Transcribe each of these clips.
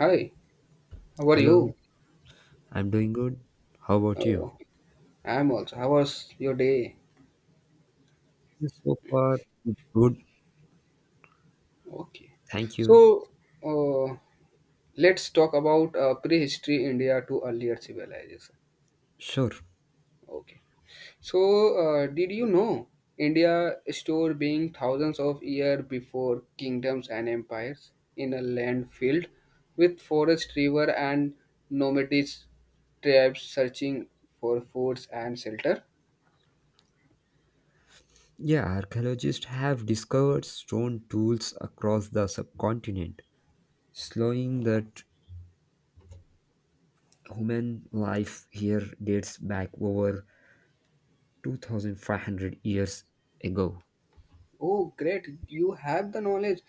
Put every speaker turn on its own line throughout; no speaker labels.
Hi, how are
Hello,
you?
I'm doing good. How about you?
Oh, I'm also. How was your day?
So far, good.
Okay.
Thank you.
So, uh, let's talk about prehistory India to earlier civilization.
Sure.
Okay. So, did you know India store being thousands of years before kingdoms and empires in a land filled with forest, river, and nomadic tribes searching for foods and shelter?
Yeah, archaeologists have discovered stone tools across the subcontinent, slowing that human life here dates back over 2500 years ago.
Oh, great! You have the knowledge.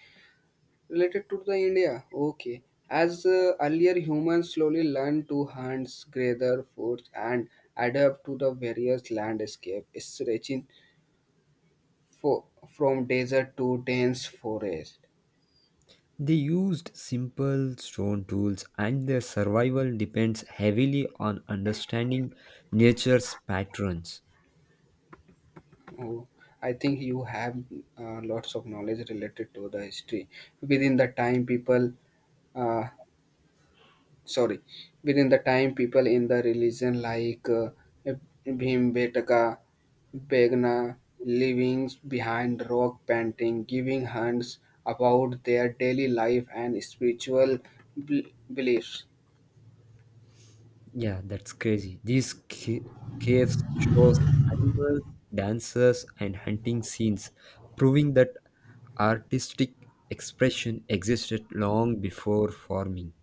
Related to the India, okay. As earlier humans slowly learn to hunt, gather food, and adapt to the various landscape, stretching for from desert to dense forest.
They used simple stone tools, and their survival depends heavily on understanding nature's patterns.
Oh, I think you have lots of knowledge related to the history. Within the time, people. Uh, sorry, within the time people in the religion like Bhimbetka Begna leaving behind rock painting, giving hands about their daily life and spiritual bel- beliefs.
Yeah, that's crazy. Caves shows animals, dancers, and hunting scenes, proving that artistic expression existed long before farming.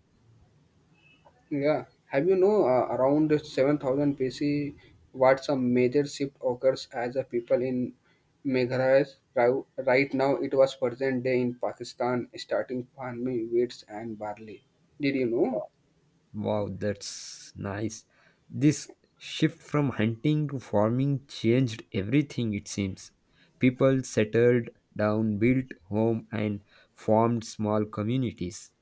Yeah, have you know around 7000 BC what's a major shift occurs as a people in Meghalaya right now it was present day in Pakistan starting farming wheats and barley. Did you know?
Wow, that's nice. This shift from hunting to farming changed everything, it seems. People settled down, built home, and formed small communities.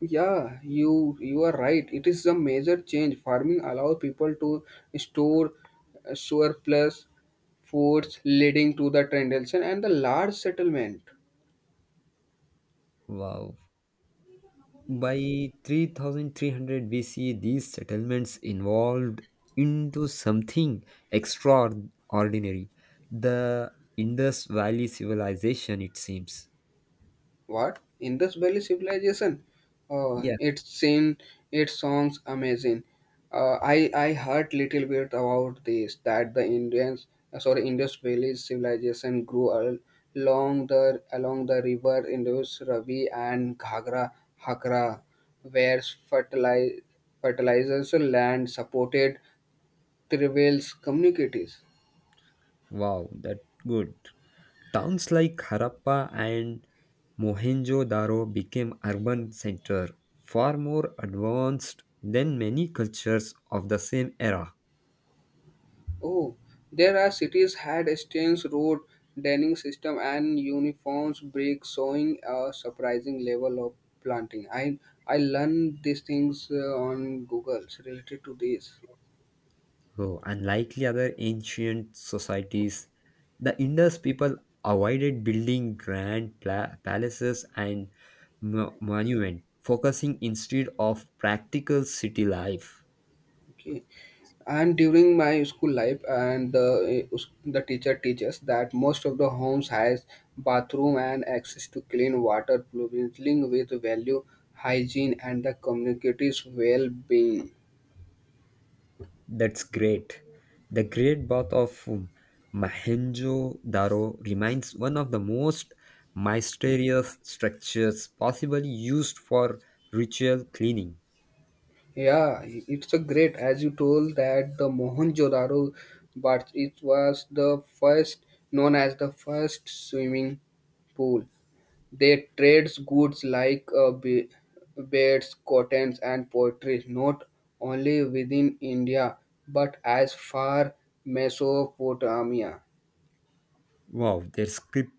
Yeah, you are right. It is a major change. Farming allow people to store surplus foods, leading to the transaction and the large settlement.
Wow. By 3300 BC, these settlements evolved into something extraordinary. The Indus Valley civilization, it seems.
What? Indus Valley Civilization?
Yeah,
It's seen its songs amazing. I heard little bit about this that the Indians sorry Indus Valley Civilization grew along the river Indus, Ravi and Ghagra Hakra, where fertilize, fertilizers land supported tribal communities.
wow, that good. Towns like Harappa and Mohenjo-daro became urban center, far more advanced than many cultures of the same era.
Oh, there are cities had exchange road denning system and uniforms break showing a surprising level of planting. I learned these things on Google related to this.
Oh, unlikely other ancient societies, the Indus people avoided building palaces and monuments, focusing instead of practical city life.
Okay, and during my school life, and the the teacher teaches that most of the homes has bathroom and access to clean water, linked with value, hygiene, and the community's well-being.
That's great. The Great Bath of Mahenjo-daro remains one of the most mysterious structures possibly used for ritual cleaning.
Yeah, it's a great as you told that the Mohenjo-daro, but it was the first known as the first swimming pool. They trades goods like beds, cottons, and pottery not only within India but as far Mesopotamia.
Wow, their script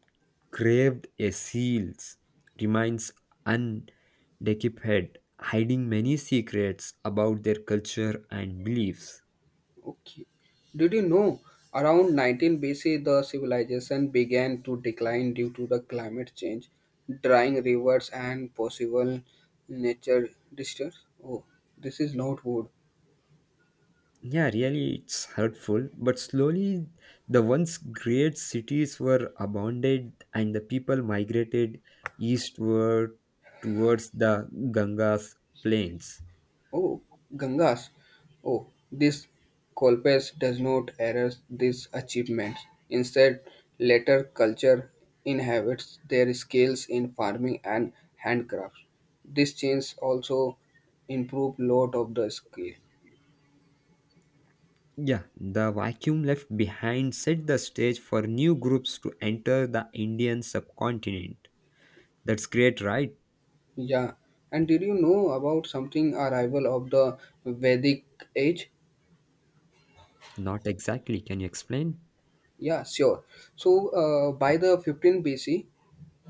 craved a seals, remains undeciphered, hiding many secrets about their culture and beliefs.
Okay. Did you know around 19 BC the civilization began to decline due to the climate change, drying rivers and possible nature disasters? Oh, this is not wood.
Yeah, really, it's hurtful, but slowly the once great cities were abandoned and the people migrated eastward towards the Ganga's plains.
Oh, Gangas. Oh, this Colpes does not erase these achievements. Instead, later culture inhabits their skills in farming and handcrafts. This change also improved lot of the skill.
Yeah, the vacuum left behind set the stage for new groups to enter the Indian subcontinent. That's great, right?
Yeah, and did you know about something arrival of the Vedic age?
Not exactly. Can you explain?
Yeah, sure. So by the 15 BC,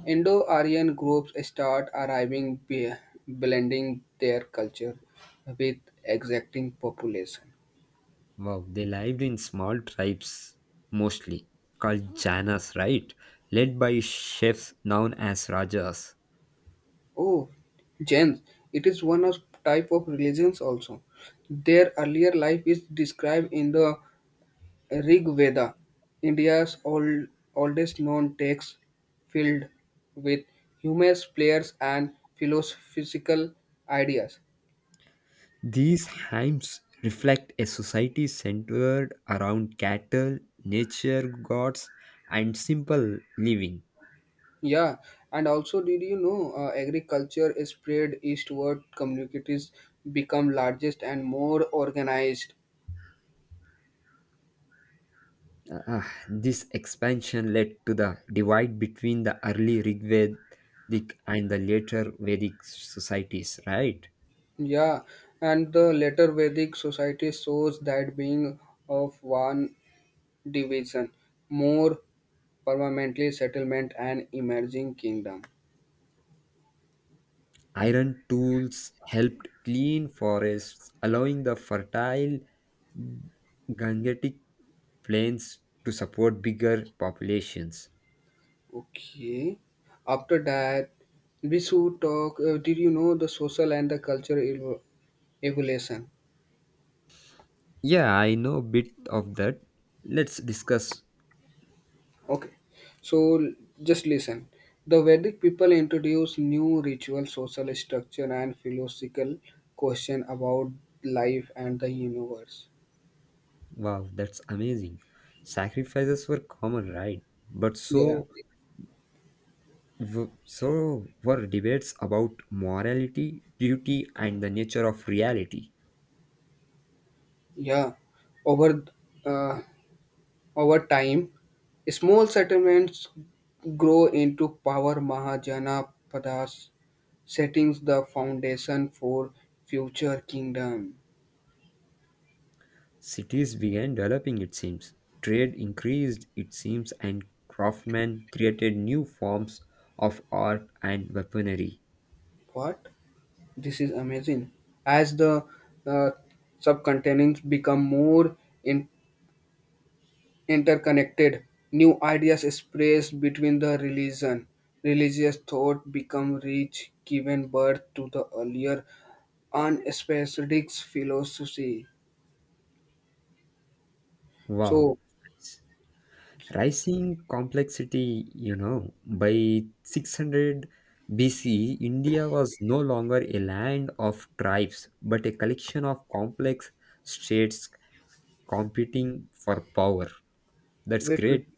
Indo-Aryan groups start arriving, blending their culture with exacting population.
Wow, they lived in small tribes, mostly called Janas, right? Led by chefs known as Rajas.
Oh, Jains, it is one of type of religions also. Their earlier life is described in the Rig Veda, India's oldest known text filled with humorous players and philosophical ideas.
These hymns reflect a society centered around cattle, nature gods, and simple living.
Yeah, and also, did you know agriculture is spread eastward? Communities become largest and more organized.
Ah, this expansion led to the divide between the early Rigvedic and the later Vedic societies, right?
Yeah, and the later Vedic society shows that being of one division, more permanently settlement and emerging kingdom.
Iron tools helped clean forests, allowing the fertile Gangetic plains to support bigger populations.
Okay. After that, we should talk. Did you know the social and the cultural evolution?
Yeah, I know a bit of that. Let's discuss.
Okay. So just listen. The Vedic people introduced new ritual, social structure, and philosophical question about life and the universe.
Wow, that's amazing. Sacrifices were common, right? But
Yeah,
so were debates about morality, duty, and the nature of reality.
yeah. Over uh, over time, small settlements grow into power Mahajana padas settings the foundation for future kingdom.
Cities began developing it seems, trade increased it seems and craftsmen created new forms of art and weaponry.
What? This is amazing. As the uh, subcontinents become more in- interconnected, new ideas expressed between the religion. Religious thought become rich, giving birth to the earlier unspecific philosophy.
Wow.
So,
Rising complexity, you know, by 600 BC, India was no longer a land of tribes but a collection of complex states competing for power. That's
wait, wait.
great.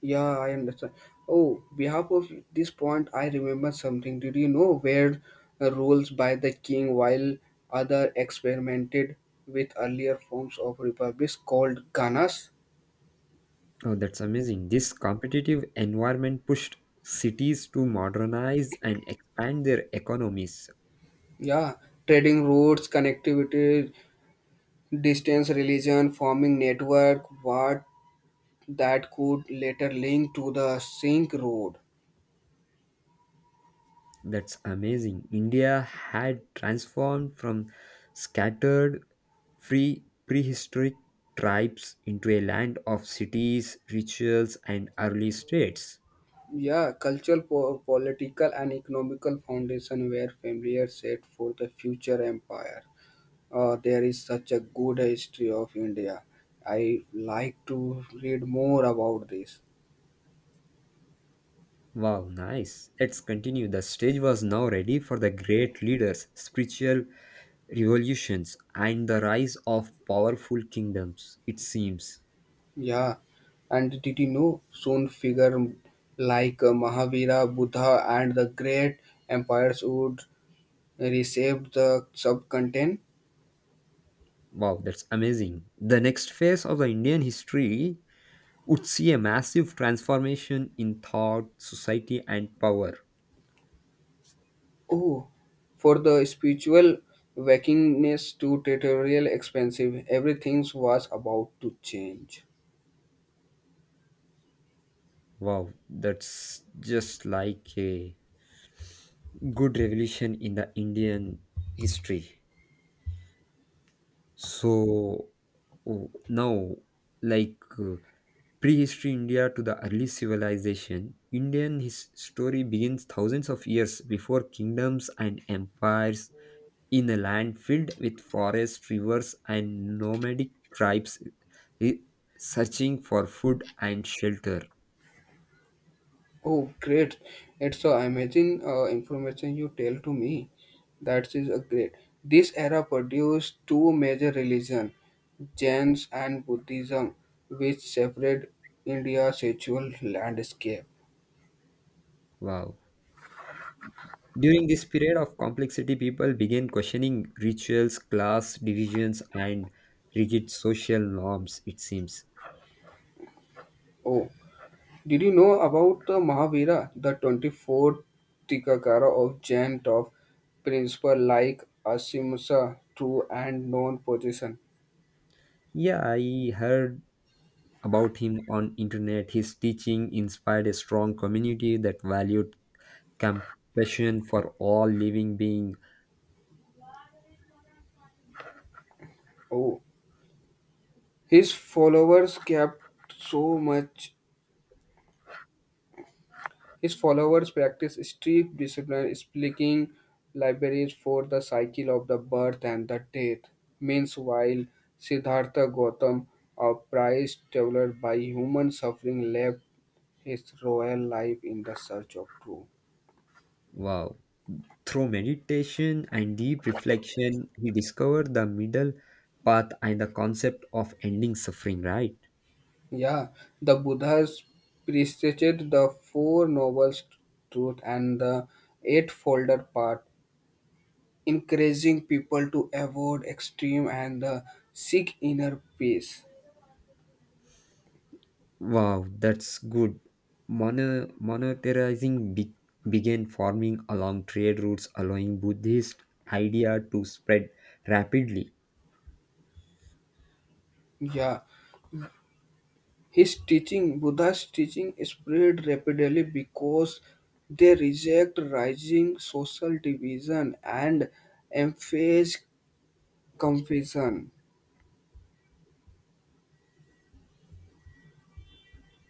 Yeah, I understand. Oh, behalf of this point, I remember something. Did you know where rules by the king while other experimented with earlier forms of republics called ganas?
Oh, that's amazing. This competitive environment pushed cities to modernize and expand their economies.
Yeah, trading routes, connectivity, distance, religion, forming network, what that could later link to the Silk Road.
That's amazing. India had transformed from scattered free prehistoric tribes into a land of cities, rituals, and early states.
Yeah, cultural, political, and economical foundation were familiar set for the future empire. There is such a good history of India. I like to read more about this.
Wow, nice. Let's continue. The stage was now ready for the great leaders, spiritual revolutions, and the rise of powerful kingdoms, it seems.
Yeah, and did you know soon figure like Mahavira, Buddha, and the great empires would reshape the subcontinent?
Wow, that's amazing. The next phase of the Indian history would see a massive transformation in thought, society, and power.
Oh, for the spiritual wakingness to territorial expensive, everything was about to change.
Wow, that's just like a good revolution in the Indian history. So oh, now, like uh, prehistory India to the early civilization, Indian his story begins thousands of years before kingdoms and empires in a land filled with forests, rivers, and nomadic tribes re- searching for food and shelter.
Oh, great. It's so amazing information you tell to me. That is a great. This era produced two major religions, Jains and Buddhism, which separated India's sexual landscape.
Wow. During this period of complexity, people began questioning rituals, class divisions, and rigid social norms, it seems.
Oh, did you know about the Mahavira, the 24th Tikakara of Jain top principle like Asimsa, true and non-possession?
Yeah, I heard about him on internet. His teaching inspired a strong community that valued compassion for all living being.
Oh, his followers kept so much. His followers practice strict discipline, speaking libraries for the cycle of the birth and the death. Meanwhile, Siddhartha Gautam, a prized traveler by human suffering, left his royal life in the search of truth.
Wow. Through meditation and deep reflection, he discovered the middle path and the concept of ending suffering, right?
Yeah, the Buddhas preached the Four Noble Truths and the eightfold Path, encouraging people to avoid extreme and seek inner peace.
Wow, that's good. Monetizing began forming along trade routes, allowing Buddhist idea to spread rapidly.
Yeah, Buddha's teaching spread rapidly because they reject rising social division and emphasize compassion.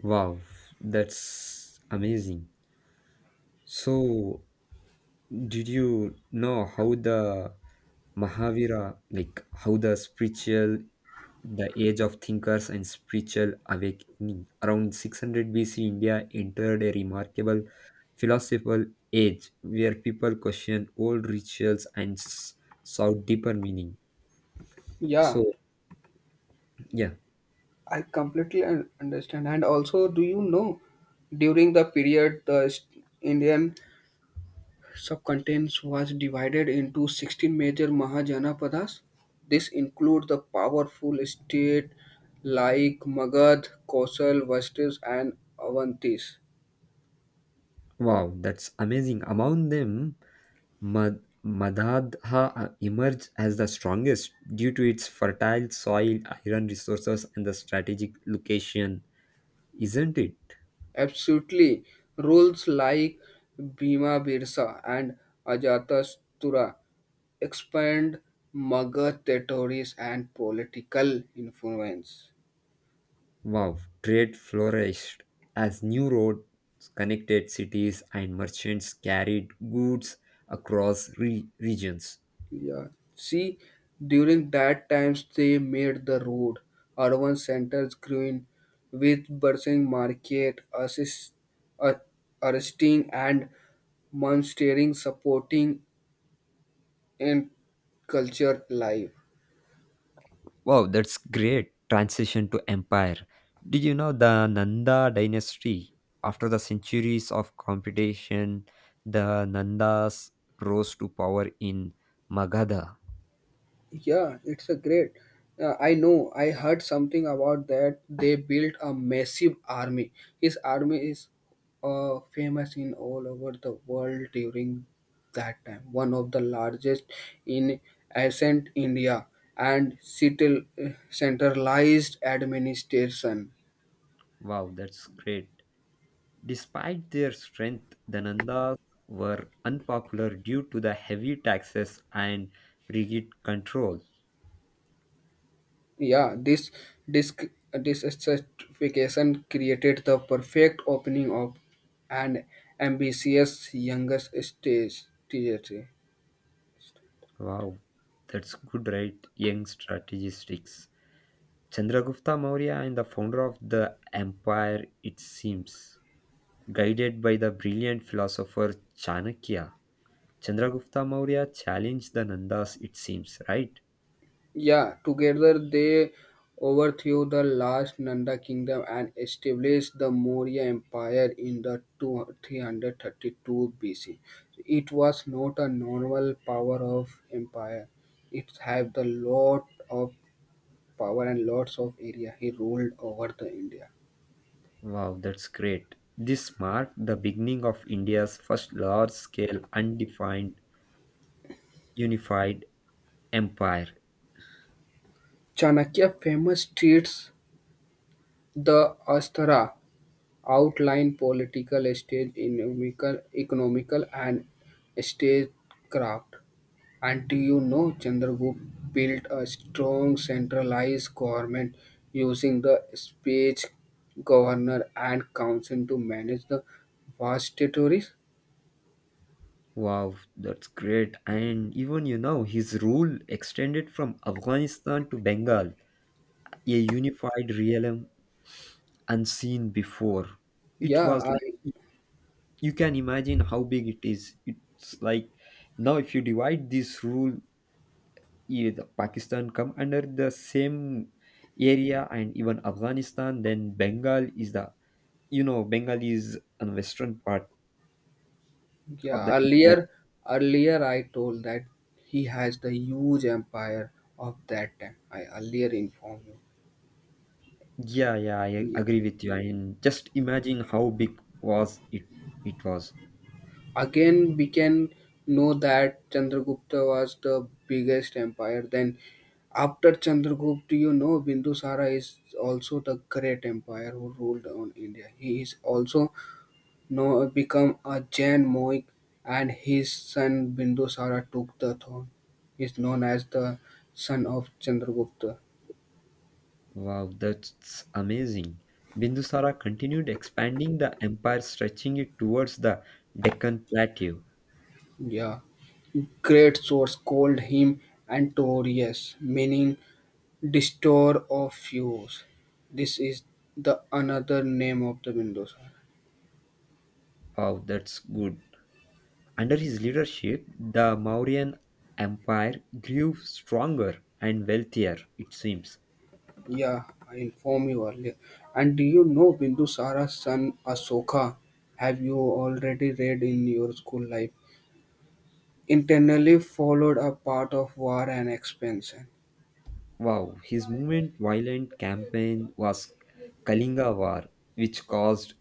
Wow, that's amazing. So, did you know how the Mahavira, like how the spiritual the age of thinkers and spiritual awakening. Around 600 BC, India entered a remarkable philosophical age where people questioned old rituals and sought deeper meaning.
Yeah,
So, yeah,
I completely understand. And also, do you know, during the period, Indian subcontinent was divided into 16 major Mahajanapadas. This include the powerful state like Magad, Kosal, Vastis, and Avantis.
wow, that's amazing. Among them, Madhadha emerged as the strongest due to its fertile soil, iron resources, and the strategic location, isn't it?
Absolutely. Roles like Bhima Birsa and Ajatasattu expand Magad territories and political influence.
Wow, trade flourished as new roads connected cities and merchants carried goods across regions.
Yeah. See, during that times they made the road. Urban centers grew in with bustling market, assist, uh, arresting and monstering supporting and culture life.
Wow, that's great transition to empire. Did you know the Nanda dynasty? After the centuries of competition, the Nandas rose to power in Magadha.
Yeah, it's a great. I know. I heard something about that. They built a massive army. His army is famous in all over the world during that time. One of the largest in ancient India and centralized administration.
Wow, that's great. Despite their strength, the Nandas were unpopular due to the heavy taxes and rigid control.
Yeah, disc this certification created the perfect opening of an ambitious youngest stage. TJT.
Wow, that's good, right? Young strategistics. Chandragupta Maurya and the founder of the empire, it seems, guided by the brilliant philosopher Chanakya. Chandragupta Maurya challenged the Nandas, it seems, right?
Yeah, together they overthrew the last Nanda kingdom and established the Maurya Empire in the 2 332 BC. It was not a normal power of empire. It had the lot of power and lots of area. He ruled over the India.
Wow, that's great. This marked the beginning of India's first large scale undefined unified empire.
Chanakya famous treats the Asthara outline political stage, economical and statecraft. And do you know Chandragupta built a strong centralized government using the speech governor and council to manage the vast territories?
Wow, that's great. And even you know, his rule extended from Afghanistan to Bengal, a unified realm unseen before. It
Yeah,
was like you can imagine how big it is. It's like now if you divide this rule, eh, the Pakistan come under the same area and even Afghanistan, then Bengal is the you know, Bengal is on western part of
yeah.
the India.
Earlier, I told that he has the huge empire of that time. I earlier informed you.
Yeah, yeah, I
Yeah.
agree with you. And just imagine how big was it was.
Again we can know that Chandragupta was the biggest empire. Then after Chandragupta, you know Bindusara is also the great empire who ruled on India. He is also know become a Jain monk, and his son Bindusara took the throne. He is known as the son of Chandragupta.
Wow, that's amazing. Bindusara continued expanding the empire, stretching it towards the Deccan Plateau.
Yeah, great source called him Antorius, meaning Store of Fuse. This is the another name of the Windows.
Wow, that's good. Under his leadership, the Mauryan Empire grew stronger and wealthier, it seems.
Yeah, I informed you earlier. And do you know Bindusara's son Asoka? Have you already read in your school life? Internally followed a path of war and expansion.
Wow, his movement violent campaign was Kalinga War, which caused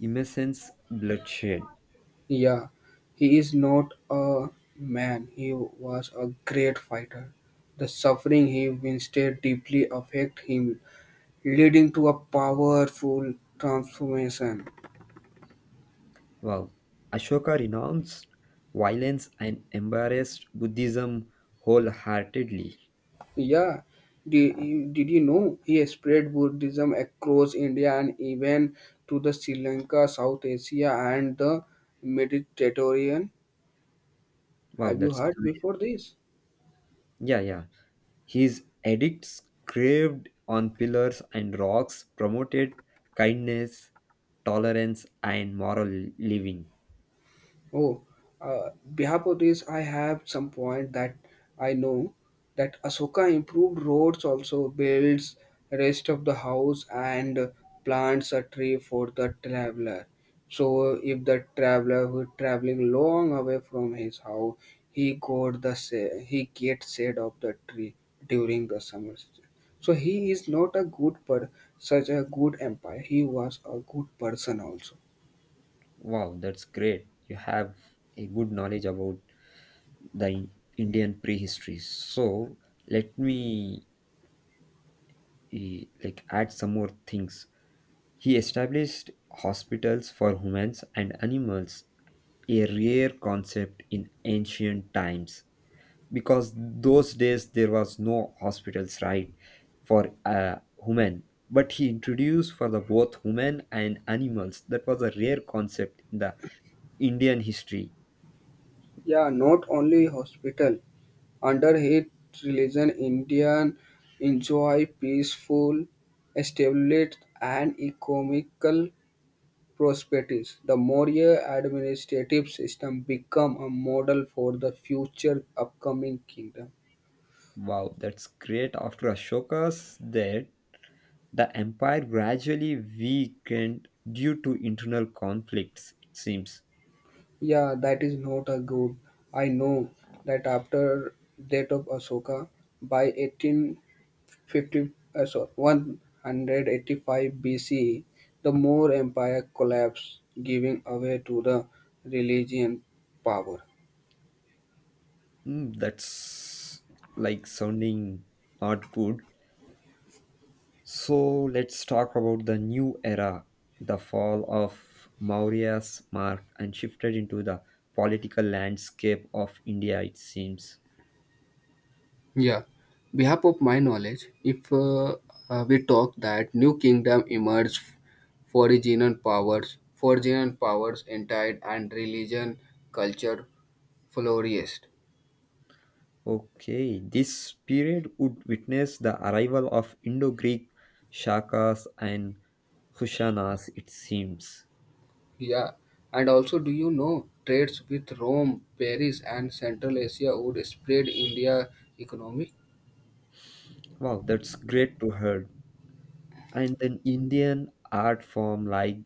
immense bloodshed.
Yeah, he is not a man. He was a great fighter. The suffering he withstood deeply affect him, leading to a powerful transformation.
Wow. Ashoka renounced violence and embraced Buddhism wholeheartedly.
Yeah, did did you know he spread Buddhism across India and even to the Sri Lanka, South Asia, and the Mediterranean?
Wow,
Have you
that's
heard
amazing.
before this?
Yeah, yeah. His edicts carved on pillars and rocks promoted kindness, tolerance, and moral living.
Oh, uh, behalf of this, I have some point that I know that Ahsoka improved roads, also builds rest of the house and plants a tree for the traveler. So if the traveler who is traveling long away from his house, he got he gets shade of the tree during the summer season. So he is not a good per such a good empire. He was a good person also.
Wow, that's great. You have a good knowledge about the In- Indian prehistory. So let me add some more things. He established hospitals for humans and animals, a rare concept in ancient times because those days there was no hospitals right for human but he introduced for the both human and animals. That was a rare concept in the Indian history.
Yeah, not only hospital. Under his religion, Indians enjoy peaceful, stability and economical prosperity. The Maurya administrative system became a model for the future upcoming kingdom.
Wow, that's great. After Ashoka's death, the empire gradually weakened due to internal conflicts, it seems.
Yeah, that is not a good. I know that after death of Ashoka by 18 50, 185 BCE, the Moor Empire collapsed, giving away to the religion power.
Mm, that's like sounding not good. So let's talk about the new era. The fall of Maurya's mark and shifted into the political landscape of India, it seems.
Yeah, behalf of my knowledge, if we talk that new kingdom emerged, foreign powers entered and religion, culture flourished.
Okay, this period would witness the arrival of Indo Greek Shakas and Kushanas, it seems.
Yeah, and also do you know trades with Rome, Paris, and Central Asia would spread India economy?
Wow, that's great to hear. And then Indian art form like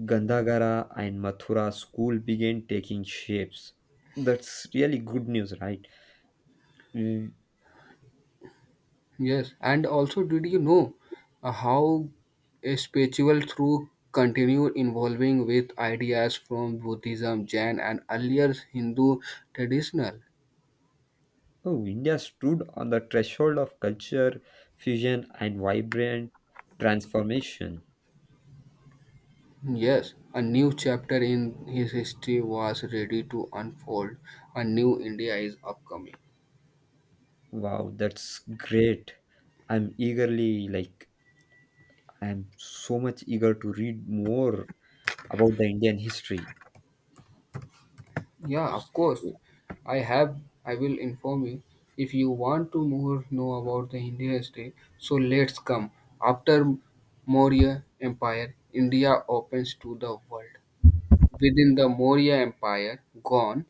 Gandhagara and Mathura school began taking shapes. That's really good news, right? Mm.
Yes, and also, did you know how a spiritual through continue involving with ideas from Buddhism, Jain, and earlier Hindu traditional?
Oh, India stood on the threshold of culture, fusion, and vibrant transformation.
Yes, a new chapter in his history was ready to unfold. A new India is upcoming.
Wow, that's great. I'm eagerly, like, I'm so much eager to read more about the Indian history.
Yeah, of course. I have. I will inform you if you want to more know about the Indian history. So let's come. After Maurya Empire, India opens to the world. Within the Maurya Empire, gone,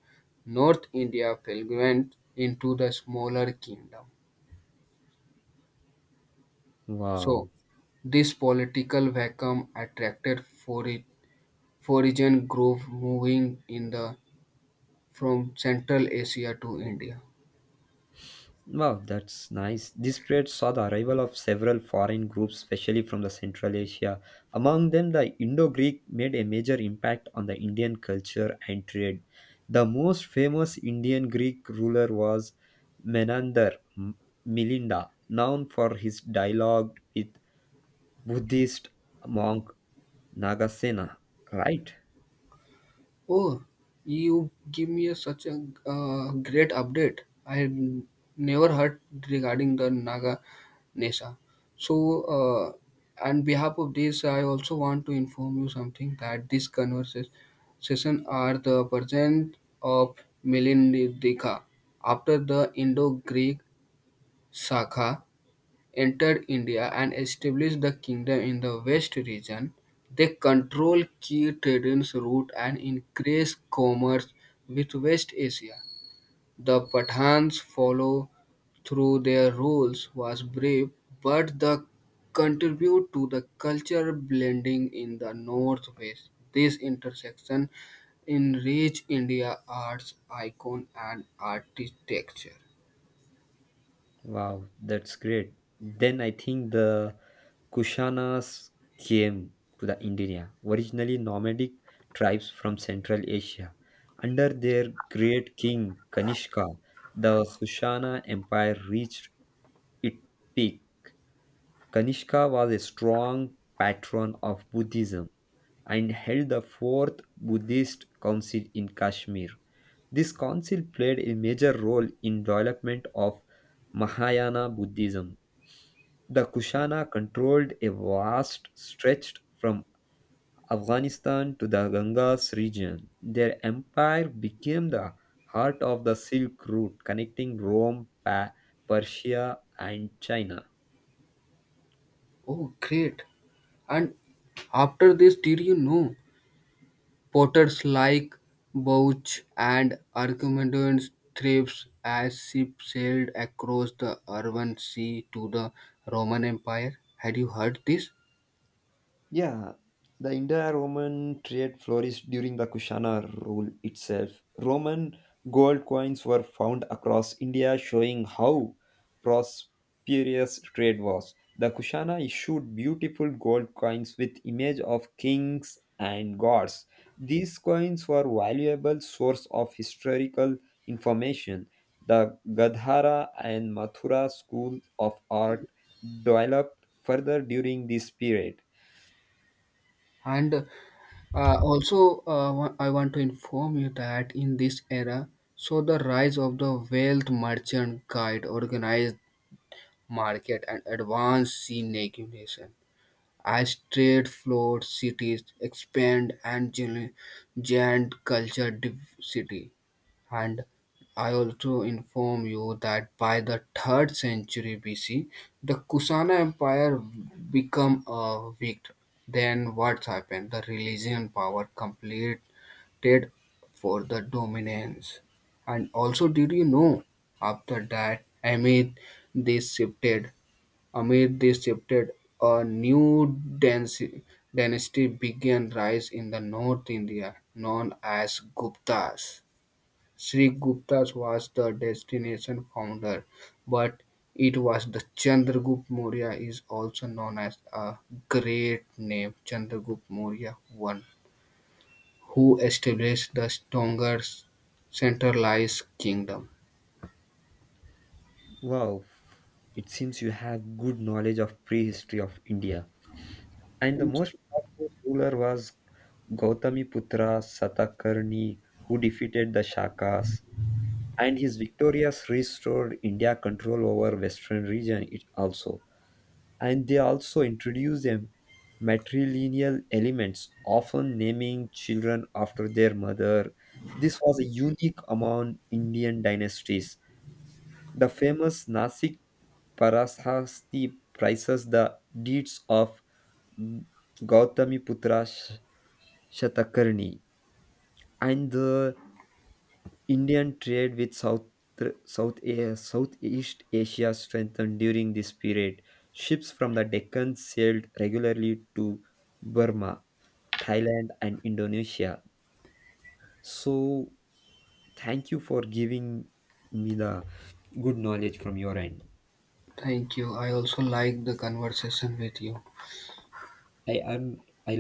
North India fragmented into the smaller kingdom. So
Wow.
this political vacuum attracted foreign groups moving in the from Central Asia to India.
Wow, that's nice. This period saw the arrival of several foreign groups, especially from the Central Asia. Among them, the Indo-Greek made a major impact on the Indian culture and trade. The most famous Indian Greek ruler was Menander M- Milinda, known for his dialogue with Buddhist monk Nagasena, right?
Oh, you give me a, such a great update. I had never heard regarding the Naga Nesa. So, on behalf of this, I also want to inform you something that these conversations are the present of Melindika after the Indo-Greek saga entered India and established the kingdom in the west region. They controlled key trading routes and increased commerce with West Asia. The Pathans follow through their rules was brave, but the contribute to the culture blending in the northwest. This intersection enrich India arts icon and architecture.
Wow, that's great. Then I think the Kushanas came to the India, originally nomadic tribes from Central Asia. Under their great king Kanishka, the Kushana Empire reached its peak. Kanishka was a strong patron of Buddhism and held the fourth Buddhist council in Kashmir. This council played a major role in development of Mahayana Buddhism. The Kushana controlled a vast stretch from Afghanistan to the Ganges region. Their empire became the heart of the Silk Route, connecting Rome, Persia, and China.
Oh, great! And after this, did you know potters like Bouch and Archimedes thrives as ships sailed across the urban sea to the Roman Empire? Had you heard this?
Yeah, the Indo-Roman trade flourished during the Kushana rule itself. Roman gold coins were found across India, showing how prosperous trade was. The Kushana issued beautiful gold coins with image of kings and gods. These coins were valuable source of historical information. The Gadhara and Mathura schools of art developed further during this period.
And I want to inform you that in this era, so the rise of the wealth merchant guide, organized market, and advanced sea navigation. As trade flowed, cities expand and giant culture diversity. And I also inform you that by the third century BC, the Kusana Empire become weak. Then what happened? The religion power completed for the dominance. And also, did you know after that, I mean, shifted amid this shifted, a new dynasty dynasty began rise in the North India, known as Guptas. Sri Guptas was the destination founder, but it was the Chandragupta Maurya is also known as a great name Chandragupta Maurya I, who established the stronger centralized kingdom.
Wow, it seems you have good knowledge of prehistory of India. And the most powerful ruler was Gautamiputra Satakarni, who defeated the Shakas, and his victorious restored India control over western region it also. And they also introduced them matrilineal elements, often naming children after their mother. This was a unique among Indian dynasties. The famous Nasik Parashasti praises the deeds of Gautamiputra Sh- Shatakarni and the Indian trade with Southeast Asia strengthened during this period. Ships from the Deccan sailed regularly to Burma, Thailand, and Indonesia. So, thank you for giving me the good knowledge from your end.
Thank you. I also like the conversation with you.
I am I